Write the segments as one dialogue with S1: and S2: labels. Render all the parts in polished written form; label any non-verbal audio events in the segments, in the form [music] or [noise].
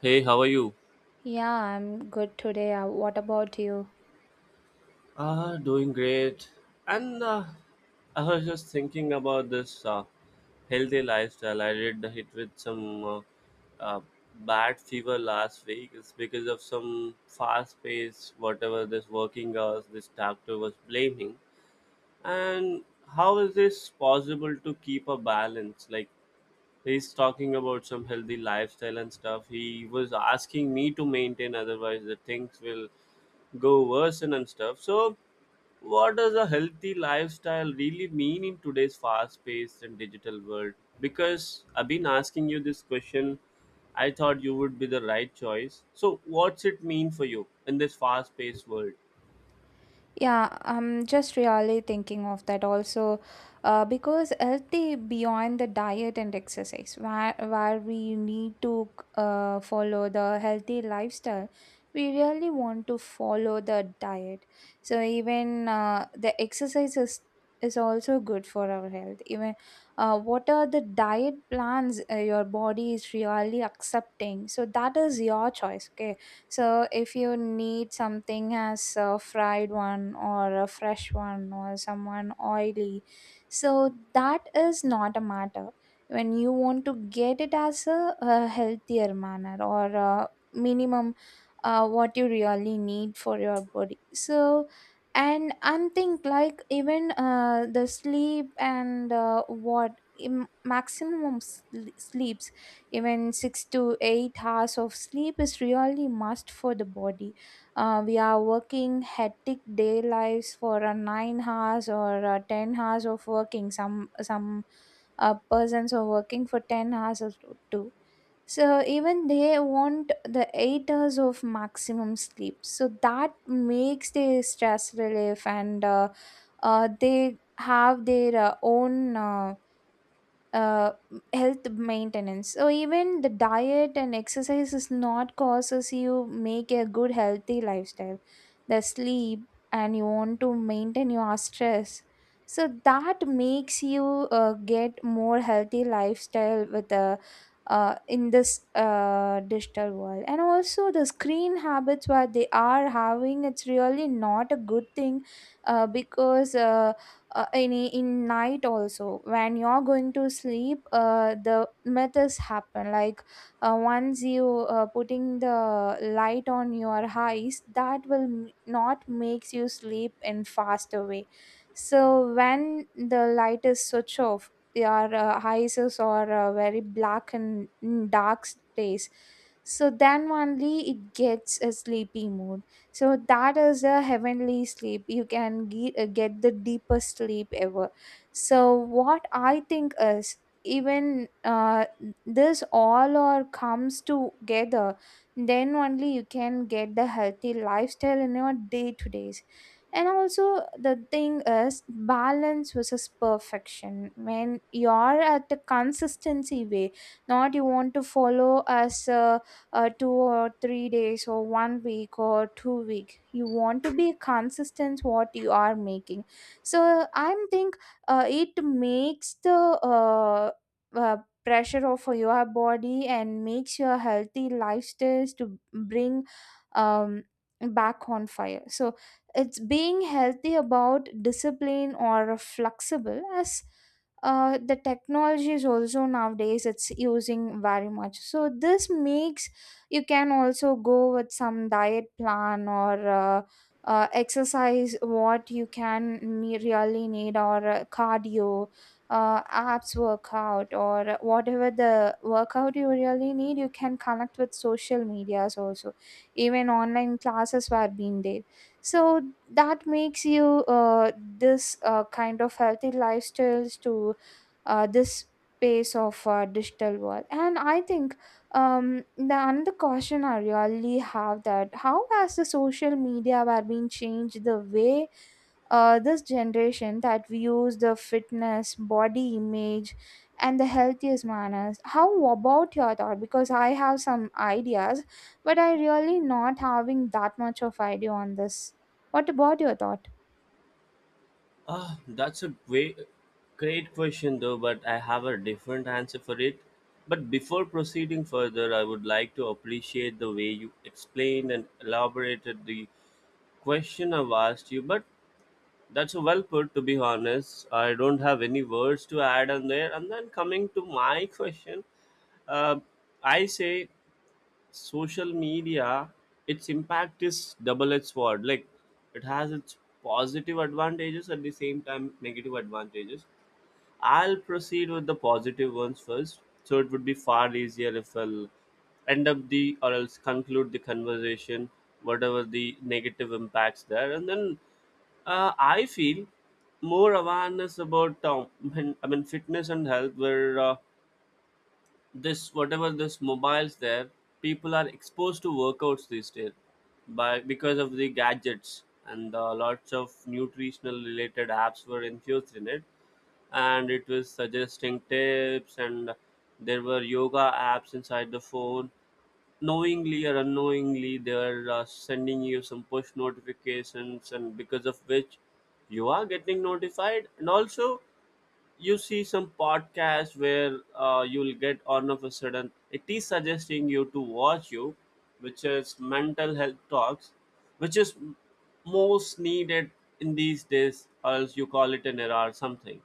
S1: Hey, how are you?
S2: Yeah, I'm good today. What about you?
S1: Doing great. And I was just thinking about this healthy lifestyle. I did hit with some uh, bad fever last week. It's because of some fast pace, whatever this working hours, this doctor was blaming. And how is this possible to keep a balance? Like he's talking about some healthy lifestyle and stuff. He was asking me to maintain, otherwise the things will go worsen and stuff. So what does a healthy lifestyle really mean in today's fast-paced and digital world? Because I've been asking you this question, I thought you would be the right choice. So what's it mean for you in this fast-paced world?
S2: Yeah, I'm just really thinking of that also because healthy beyond the diet and exercise, where we need to follow the healthy lifestyle, we really want to follow the diet. So even the exercise is also good for our health. Even what are the diet plans your body is really accepting? So that is your choice, okay? So if you need something as a fried one or a fresh one or someone oily, so that is not a matter. When you want to get it as a healthier manner or a minimum what you really need for your body. So and think like even the sleep and what im- maximum sl- sleeps even 6 to 8 hours of sleep is really must for the body. We are working hectic day lives for 9 hours or 10 hours of working. Some Persons are working for 10 hours or two, so even they want the 8 hours of maximum sleep, so that makes their stress relief, and they have their own uh, health maintenance. So even the diet and exercise is not causes you make a good healthy lifestyle. The sleep, and you want to maintain your stress. So that makes you get more healthy lifestyle with the in this digital world. And also the screen habits what they are having, it's really not a good thing, because in night also when you're going to sleep, the myths happen like once you putting the light on your eyes, that will not makes you sleep in faster way. So when the light is switch off, your eyes is or very black and dark space, so then only it gets a sleepy mood. So that is a heavenly sleep, you can get the deepest sleep ever. So what I think is, even this all or comes together, then only you can get the healthy lifestyle in your day to days. And also the thing is balance versus perfection, when you're at the consistency way. Not you want to follow as a two or three days or one week or two week, you want to be consistent what you are making. So I'm think it makes the uh, pressure of your body and makes your healthy lifestyles to bring um, back on fire. So it's being healthy about discipline or flexible as the technology is also nowadays, it's using very much, so this makes you can also go with some diet plan or exercise what you can really need, or cardio, abs workout, or whatever the workout you really need. You can connect with social medias also, even online classes were being there. So that makes you this kind of healthy lifestyles to this space of digital world. And I think the another question I really have, that how has the social media were being changed the way this generation that views the fitness, body image, and the healthiest manners? How about your thought? Because I have some ideas, but I really not having that much of idea on this. What about your thought?
S1: That's a way, great question though, but I have a different answer for it. But before proceeding further, I would like to appreciate the way you explained and elaborated the question I've asked you. But that's well put, to be honest. I don't have any words to add on there. And then coming to my question, uh, I say social media, its impact is double-edged sword, like it has its positive advantages, at the same time negative advantages. I'll proceed with the positive ones first, so it would be far easier if I'll end up the, or else conclude the conversation whatever the negative impacts there. And then I feel more awareness about I mean, fitness and health, were this whatever this mobiles there, people are exposed to workouts these days, by because of the gadgets, and lots of nutritional related apps were infused in it, and it was suggesting tips, and there were yoga apps inside the phone. Knowingly or unknowingly, they are sending you some push notifications, and because of which you are getting notified. And also you see some podcast where you'll get all of a sudden it is suggesting you to watch you, which is mental health talks, which is most needed in these days, or else you call it an era or something.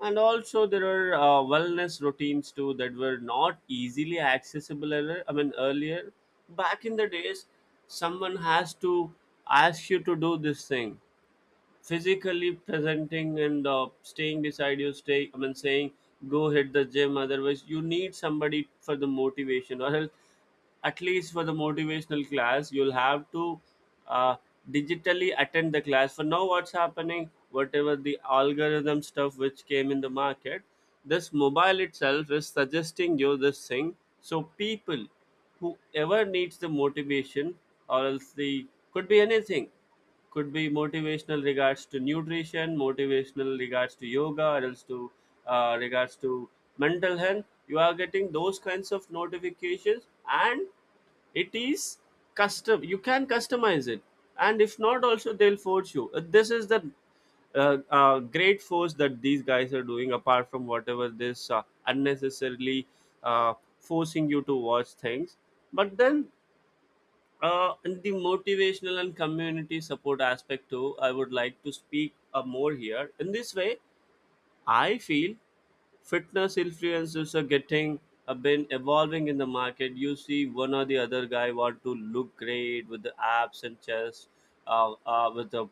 S1: And also there are wellness routines too that were not easily accessible earlier. I mean, earlier back in the days, someone has to ask you to do this thing, physically presenting and staying beside you, stay I mean, saying go hit the gym. Otherwise you need somebody for the motivation, or else at least for the motivational class you'll have to uh, digitally attend the class. For now, what's happening, whatever the algorithm stuff which came in the market, this mobile itself is suggesting you this thing. So people whoever needs the motivation, or else the, could be anything, could be motivational regards to nutrition, motivational regards to yoga, or else to regards to mental health, you are getting those kinds of notifications. And it is custom, you can customize it. And if not also, they'll force you. This is the great force that these guys are doing, apart from whatever this unnecessarily uh, forcing you to watch things. But then in the motivational and community support aspect too, I would like to speak more here. In this way, I feel fitness influencers are getting have been evolving in the market. You see, one or the other guy want to look great with the abs and chest, with the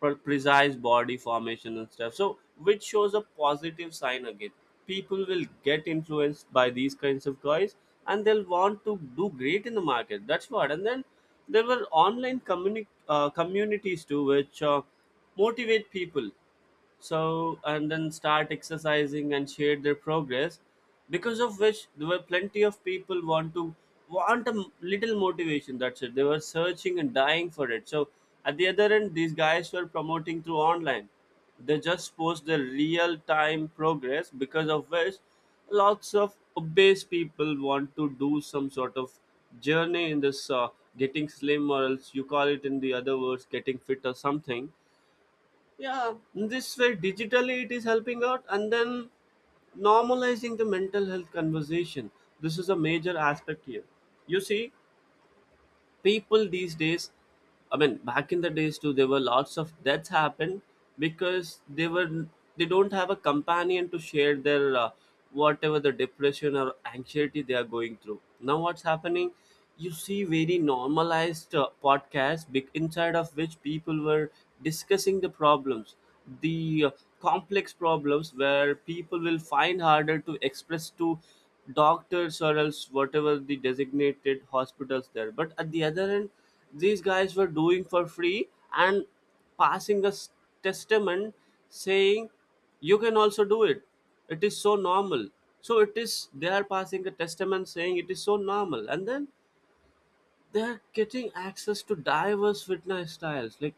S1: precise body formation and stuff. So, which shows a positive sign again. People will get influenced by these kinds of toys and they'll want to do great in the market. That's what. And then there were online communities too, which motivate people, so and then start exercising and share their progress, because of which there were plenty of people want a little motivation, that's it, they were searching and dying for it. So at the other end these guys were promoting through online, they just post the real time progress, because of which lots of obese people want to do some sort of journey in this getting slim, or else you call it in the other words getting fit or something. Yeah, in this way digitally it is helping out. And then normalizing the mental health conversation, this is a major aspect here. You see, people these days, I mean back in the days too, there were lots of deaths happened because they were, they don't have a companion to share their whatever the depression or anxiety they are going through. Now what's happening, you see very normalized podcasts, inside of which people were discussing the problems, the complex problems where people will find harder to express to doctors or else whatever the designated hospitals there. But at the other end, these guys were doing for free and passing a testament saying you can also do it, it is so normal. So it is, they are passing a testament saying it is so normal. And then they're getting access to diverse fitness styles. Like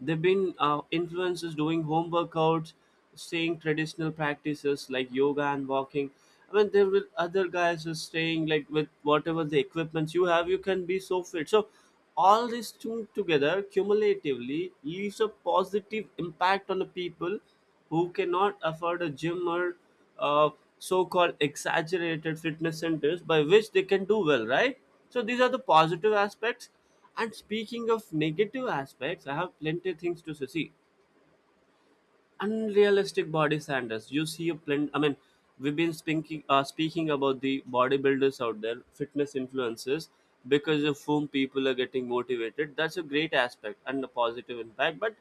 S1: they've been influencers doing home workouts, staying traditional practices like yoga and walking. I mean, there will other guys are staying like with whatever the equipments you have, you can be so fit. So all this tuned together cumulatively leaves a positive impact on the people who cannot afford a gym or uh, so-called exaggerated fitness centers, by which they can do well, right? So these are the positive aspects. And speaking of negative aspects, I have plenty of things to say. See, unrealistic body standards. You see a plenty. I mean, we've been speaking about the bodybuilders out there, fitness influencers, because of whom people are getting motivated. That's a great aspect and a positive impact. But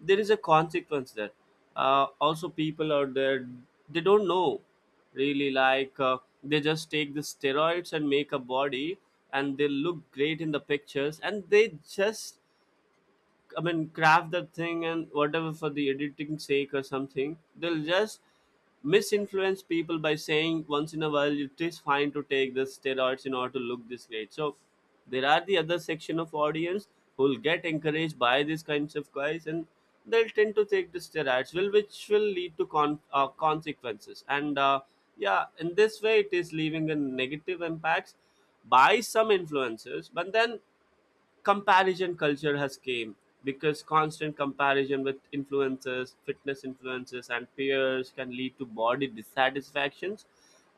S1: there is a consequence there. Also, people out there, they don't know, really, like they just take the steroids and make a body, and they look great in the pictures, and they just, I mean, craft that thing and whatever for the editing sake or something, they'll just misinfluence people by saying once in a while it is fine to take the steroids in order to look this great. So there are the other section of audience who'll get encouraged by these kinds of guys, and they'll tend to take the steroids, will, which will lead to consequences. And yeah, in this way, it is leaving a negative impacts by some influencers. But then comparison culture has came, because constant comparison with influencers, fitness influencers and peers, can lead to body dissatisfactions.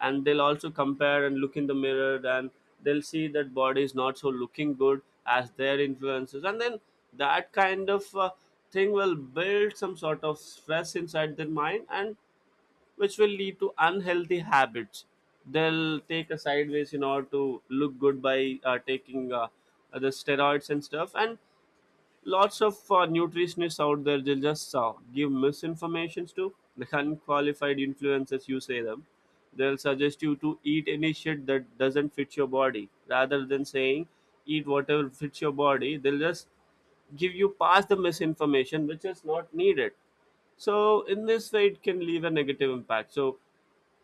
S1: And they'll also compare and look in the mirror, and they'll see that body is not so looking good as their influences. And then that kind of thing will build some sort of stress inside their mind, and which will lead to unhealthy habits. They'll take a sideways in order to look good by taking the steroids and stuff. And lots of nutritionists out there, they'll just give misinformations to the unqualified influencers, you say them. They'll suggest you to eat any shit that doesn't fit your body rather than saying eat whatever fits your body. They'll just give you past the misinformation which is not needed. So, in this way, it can leave a negative impact. So,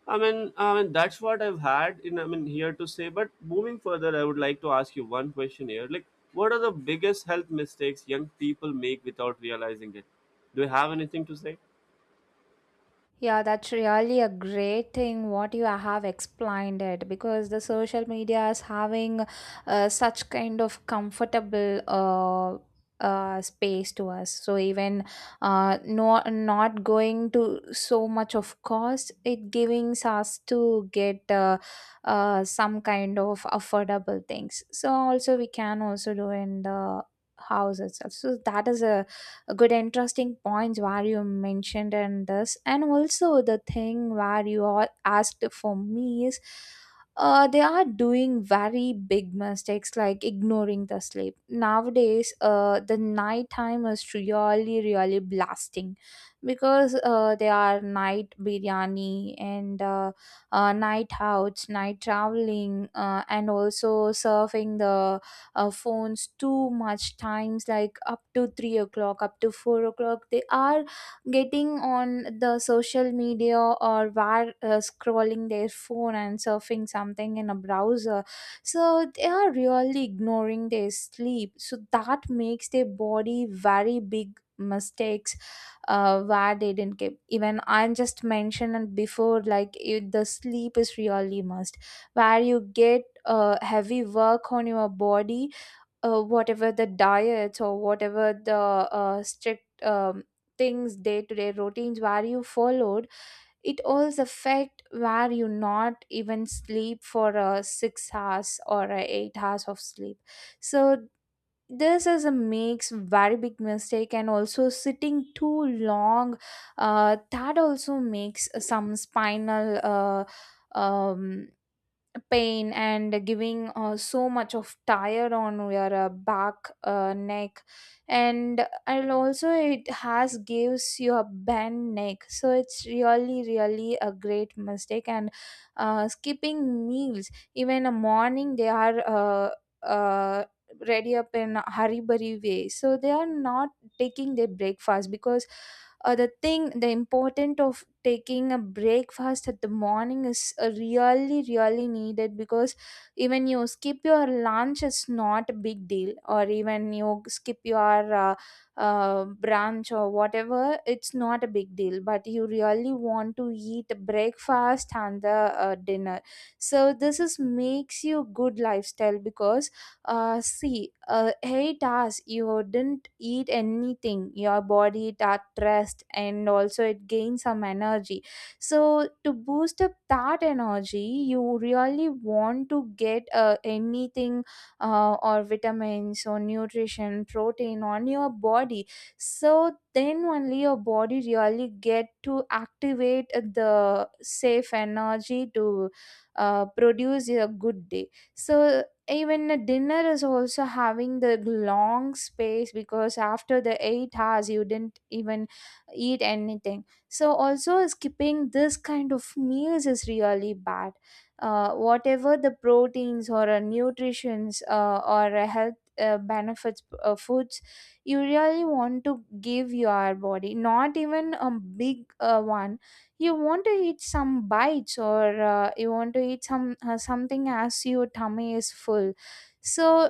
S1: I mean that's what I've had in, I mean, here to say. But moving further, I would like to ask you one question here. Like, what are the biggest health mistakes young people make without realizing it? Do you have anything to say?
S2: Yeah, that's really a great thing what you have explained it, because the social media is having such kind of comfortable space to us. So even no, not going to so much of cost, it giving us to get some kind of affordable things. So also we can also do in the house itself. So that is a good interesting points where you mentioned, and this, and also the thing where you all asked for me is, they are doing very big mistakes like ignoring the sleep nowadays. The night time is really really blasting, because they are night biryani and night outs, night traveling, and also surfing the phones too much times like up to 3 o'clock, up to 4 o'clock they are getting on the social media, or were scrolling their phone and surfing something in a browser. So they are really ignoring their sleep, so that makes their body very big mistakes, where they didn't keep. Even I just mentioned it before, like it, the sleep is really must, where you get heavy work on your body. Whatever the diets or whatever the strict things, day to day routines where you followed, it also affect where you not even sleep for 6 hours or 8 hours of sleep. So this is a makes very big mistake. And also sitting too long, that also makes some spinal um, pain and giving so much of tire on your back, neck. And also it has gives you a bent neck, so it's really really a great mistake. And skipping meals, even a morning they are uh, ready up in a hurry burry way, so they are not taking their breakfast, because the thing, the important of taking a breakfast at the morning is really really needed. Because even you skip your lunch it's not a big deal, or even you skip your brunch or whatever, it's not a big deal, but you really want to eat breakfast and the dinner. So this is makes you good lifestyle, because 8 hours you didn't eat anything. Your body it at rest and also it gains some energy. So to boost up that energy, you really want to get anything, or vitamins or nutrition, protein on your body. So then only your body really get to activate the safe energy to produce a good day. So even a dinner is also having the long space, because after the 8 hours you didn't even eat anything. So also skipping this kind of meals is really bad. Whatever the proteins or nutritions or health benefits foods, you really want to give your body not even a big one. You want to eat some bites or you want to eat some something as your tummy is full. So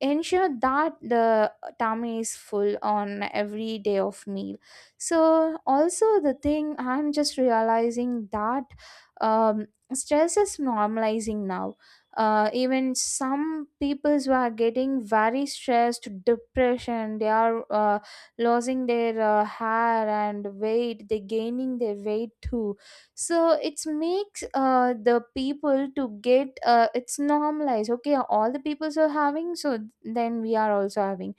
S2: ensure that the tummy is full on every day of meal. So also the thing I'm just realizing that um, stress is normalizing now. Even some peoples who are getting very stressed, depression, they are losing their hair and weight, they gaining their weight too. So it's makes the people to get it's normalized, okay, all the peoples are having, so then we are also having.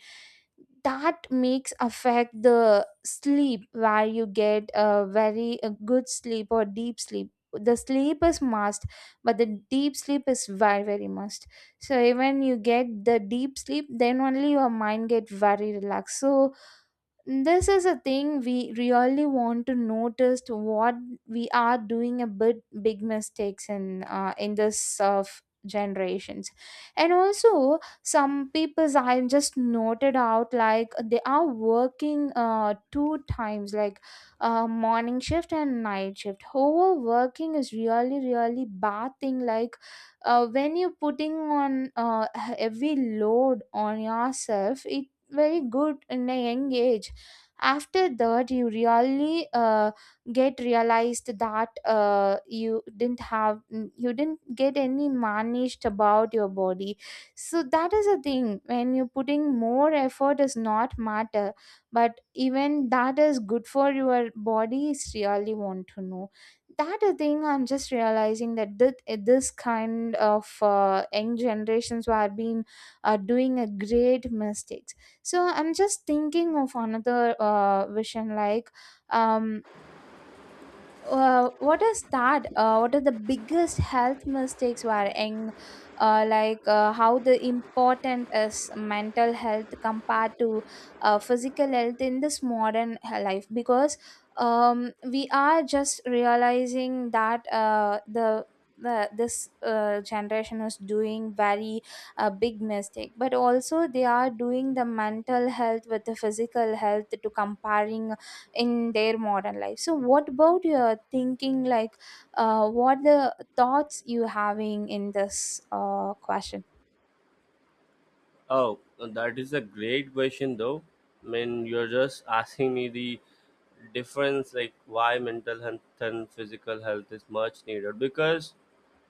S2: That makes affect the sleep, where you get a very a good sleep or deep sleep. The sleep is must, but the deep sleep is very very must. So even you get the deep sleep, then only your mind get very relaxed. So this is a thing we really want to notice, to what we are doing a bit big mistakes in this of generations. And also some people's I just noted out, like they are working two times, like morning shift and night shift. Overworking is really really bad thing, like when you're putting on heavy load on yourself, it very good in a young age. After that you really get realized that you didn't have you didn't get any managed about your body. So that is a thing, when you're putting more effort does not matter, but even that is good for your body is really want to know. That a thing I'm just realizing, that this kind of young generations who have been doing a great mistakes. So I'm just thinking of another vision, like um what is that? What are the biggest health mistakes were in, how the important is mental health compared to physical health in this modern life? Because we are just realizing that this generation is doing very big mistake, but also they are doing the mental health with the physical health to comparing in their modern life. So what about your thinking, like what the thoughts you having in this question?
S1: Oh, that is a great question, though. I mean, you're just asking me the difference, like why mental health and physical health is much needed, because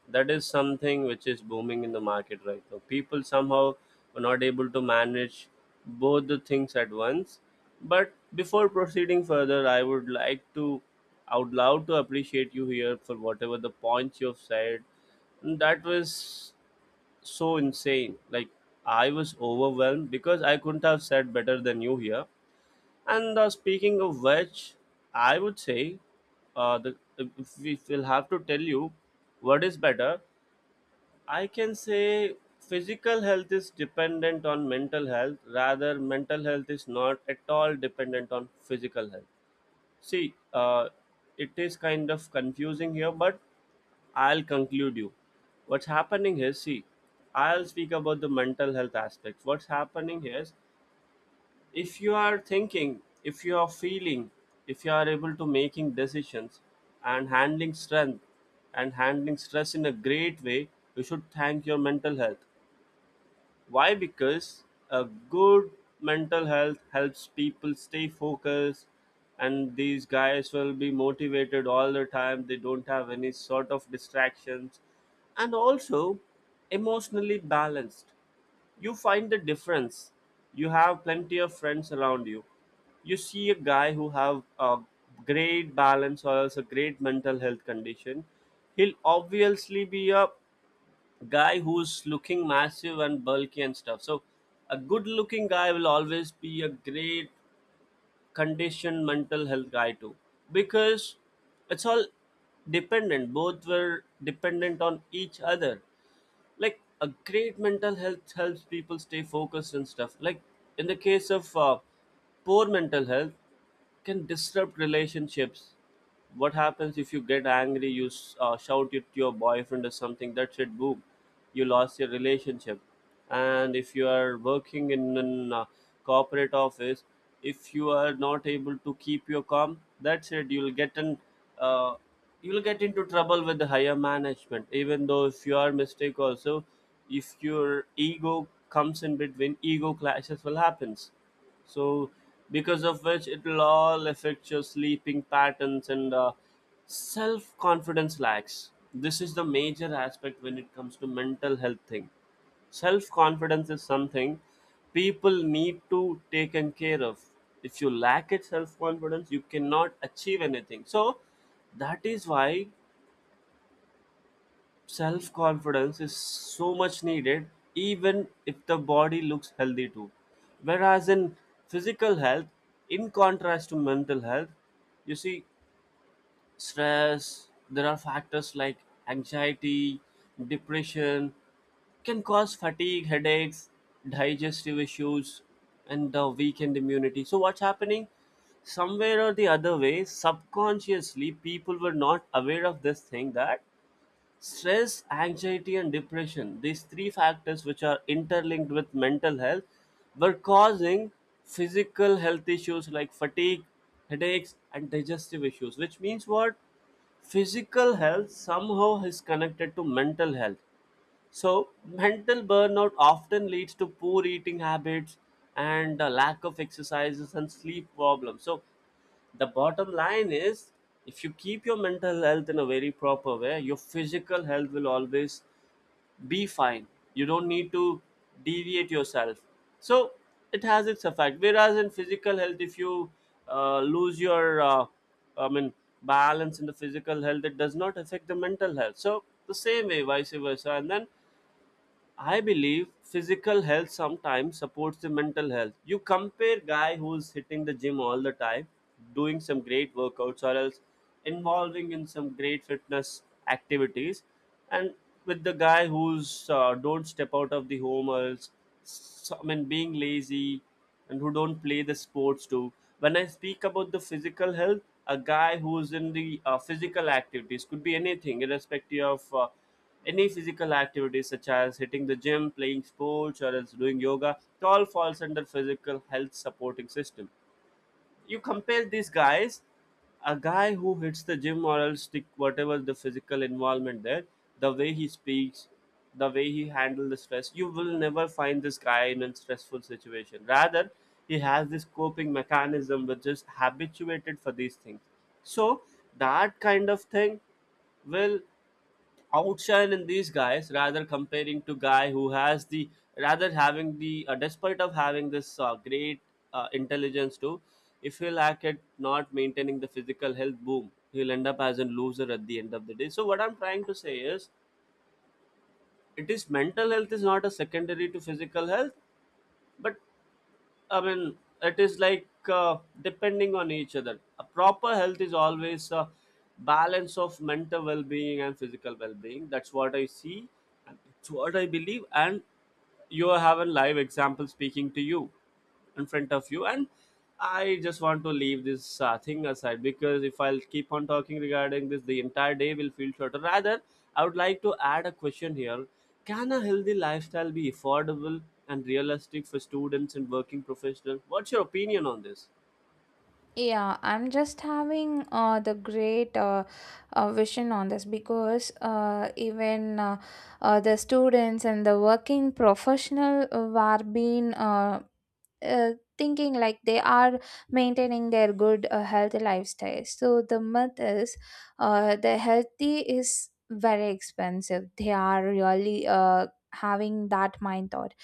S1: that is something which is booming in the market right now. People somehow were not able to manage both the things at once. But before proceeding further, I would like to out loud to appreciate you here for whatever the points you've said. That was so insane. Like I was overwhelmed because I couldn't have said better than you here. And speaking of which, I would say, the, if we will have to tell you what is better, I can say physical health is dependent on mental health. Rather, mental health is not at all dependent on physical health. See, it is kind of confusing here, but I'll conclude you. What's happening is, see, I'll speak about the mental health aspects. What's happening is, if you are thinking, if you are feeling, if you are able to making decisions, and handling strength, and handling stress in a great way, you should thank your mental health. Why? Because a good mental health helps people stay focused, and these guys will be motivated all the time. They don't have any sort of distractions, and also emotionally balanced. You find the difference. You have plenty of friends around you. You see a guy who have a great balance or else a great mental health condition. He'll obviously be a guy who's looking massive and bulky and stuff. So a good looking guy will always be a great conditioned mental health guy too. Because it's all dependent. Both were dependent on each other. Like a great mental health helps people stay focused and stuff. Like in the case of poor mental health, can disrupt relationships. What happens if you get angry? You shout it to your boyfriend or something, that's it, boom, you lost your relationship. And if you are working in an corporate office, if you are not able to keep your calm, that's it, you'll get an uh, you'll get into trouble with the higher management, even though if you are mistake also. If your ego comes in between, ego clashes will happens. So because of which it will all affect your sleeping patterns and self confidence lacks. This is the major aspect when it comes to mental health thing. Self confidence is something people need to taken care of. If you lack it, self confidence, you cannot achieve anything. So that is why self confidence is so much needed, even if the body looks healthy too. Whereas in physical health, in contrast to mental health, you see stress. There are factors like anxiety, depression, can cause fatigue, headaches, digestive issues, and the weakened immunity. So what's happening, somewhere or the other way, subconsciously people were not aware of this thing, that stress, anxiety and depression, these three factors which are interlinked with mental health, were causing physical health issues like fatigue, headaches and digestive issues. Which means what? Physical health somehow is connected to mental health. So, mental burnout often leads to poor eating habits and a lack of exercises and sleep problems. So, the bottom line is, if you keep your mental health in a very proper way, your physical health will always be fine. You don't need to deviate yourself. So, it has its effect. Whereas in physical health, if you lose your, I mean, balance in the physical health, it does not affect the mental health. So, the same way, vice versa. And then I believe physical health sometimes supports the mental health. You compare guy who's hitting the gym all the time, doing some great workouts or else involving in some great fitness activities, and with the guy who's don't step out of the home or else, so, I mean, being lazy and who don't play the sports too. When I speak about the physical health, a guy who's in the physical activities could be anything, irrespective of. Any physical activities such as hitting the gym, playing sports, or else doing yoga, it all falls under physical health supporting system. You compare these guys, a guy who hits the gym or else stick whatever the physical involvement there, the way he speaks, the way he handles the stress, you will never find this guy in a stressful situation. Rather, he has this coping mechanism which is habituated for these things. So that kind of thing will outshine in these guys, rather comparing to guy who has the, rather having the despite of having this great intelligence too, if he'll act at not maintaining the physical health, boom, he'll end up as a loser at the end of the day. So what I'm trying to say is, it is, mental health is not a secondary to physical health, but I mean, it is like depending on each other. A proper health is always a balance of mental well being and physical well being. That's what I see, and it's what I believe. And you have a live example speaking to you in front of you. And I just want to leave this thing aside, because if I'll keep on talking regarding this, the entire day will feel shorter. Rather, I would like to add a question here. Can a healthy lifestyle be affordable and realistic for students and working professionals? What's your opinion on this?
S2: Yeah, I'm just having the great vision on this, because even the students and the working professional were being uh, thinking like they are maintaining their good healthy lifestyle. So the myth is, the healthy is very expensive. They are really having that mind thought,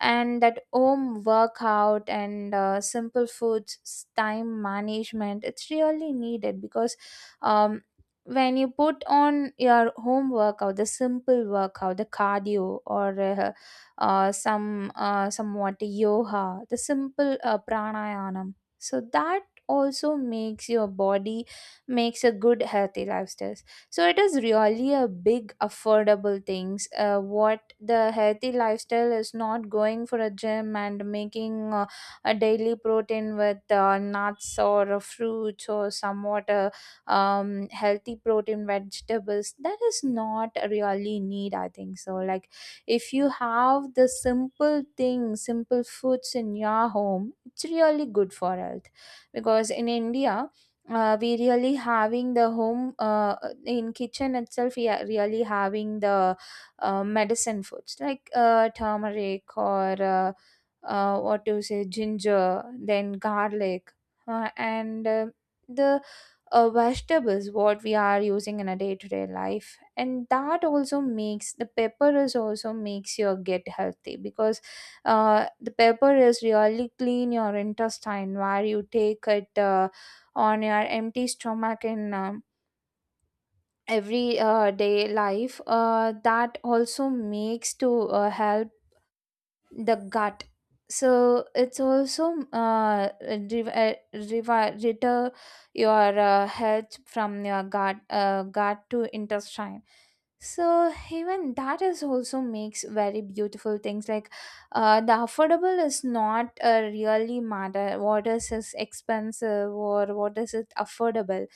S2: and that home workout and simple foods, time management, it's really needed. Because um, when you put on your home workout, the simple workout, the cardio, or some somewhat yoga, the simple pranayama, so that also makes your body, makes a good healthy lifestyle. So it is really a big affordable things. What the healthy lifestyle is, not going for a gym and making a daily protein with nuts or fruits or somewhat healthy protein vegetables, that is not really need, I think so. Like, if you have the simple things, simple foods in your home, it's really good for health. Because in India, we really having the home, in kitchen itself, we are really having the medicine foods like turmeric, or what to say, ginger, then garlic, and the vegetables what we are using in a day-to-day life. And that also makes the pepper is also makes your get healthy, because the pepper is really clean your intestine where you take it on your empty stomach in every day life. That also makes to help the gut. So it's also reter your health from your gut, gut to intestine. So even that is also makes very beautiful things. Like, the affordable is not really matter, what is expensive or what is it affordable.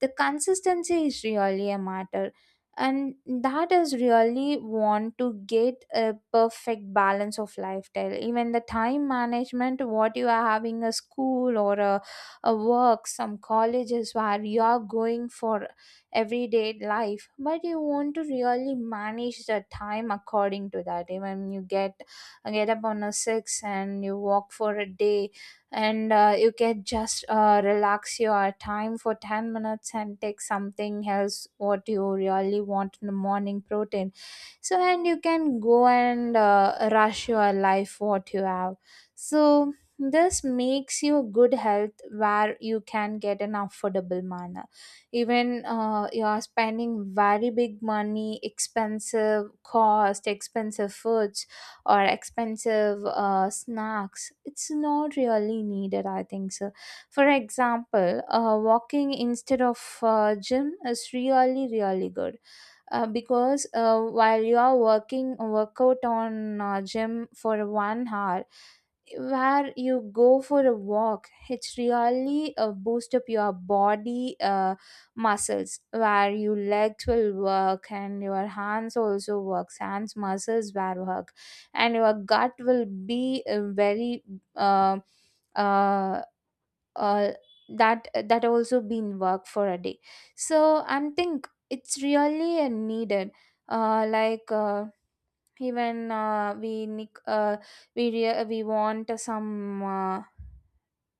S2: The consistency is really a matter, and that is really want to get a perfect balance of lifestyle. Even the time management, what you are having, a school or a work, some colleges where you are going for everyday life, but you want to really manage the time according to that. Even you get up on a six and you walk for a day, and you can just relax your time for 10 minutes and take something else what you really want in the morning protein. So, and you can go and rush your life what you have. So this makes you good health, where you can get an affordable manner. Even you are spending very big money, expensive cost, expensive foods, or expensive snacks, it's not really needed, I think so. For example, walking instead of gym is really really good. Because while you are working workout on gym for 1 hour, where you go for a walk, it's really boost up your body, muscles, where your legs will work, and your hands also works, hands muscles will work. And your gut will be very uh, uh, uh, that also been work for a day. So, and think it's really needed, like even we we want some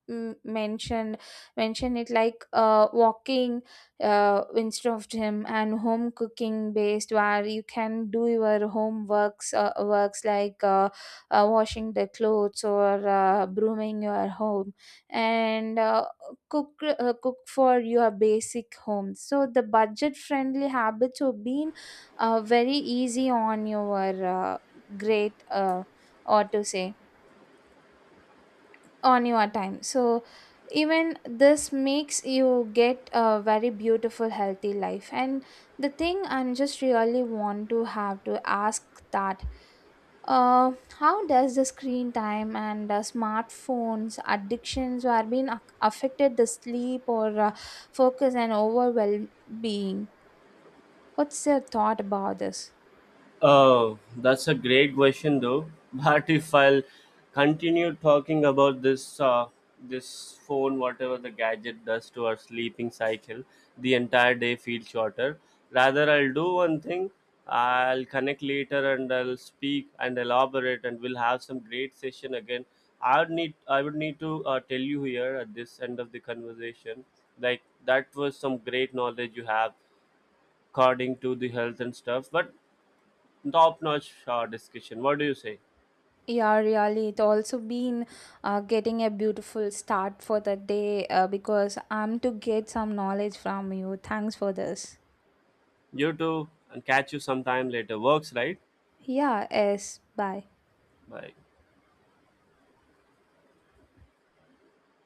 S2: m- mentioned mention it, like walking instead of gym, and home cooking based, where you can do your home works, washing the clothes or brooming your home, and cook cook for your basic home. So the budget friendly habits have been very easy on your uh, great or to say, on your time. So even this makes you get a very beautiful healthy life. And the thing I'm just really want to have to ask that, uh, how does the screen time and smartphones addictions are being affected the sleep or focus and overall well-being? What's your thought about this?
S1: Oh, that's a great question, though. [laughs] But if I'll continue talking about this, this phone, whatever the gadget does to our sleeping cycle, the entire day feels shorter. Rather, I'll do one thing. I'll connect later and I'll speak and elaborate, and we'll have some great session again. I would need to tell you here at this end of the conversation, like that was some great knowledge you have according to the health and stuff. But top notch discussion. What do you say?
S2: Yeah, really. It also been getting a beautiful start for the day because I'm to get some knowledge from you. Thanks for this.
S1: You too, and catch you sometime later. Works, right?
S2: Yeah, yes. Bye.
S1: Bye.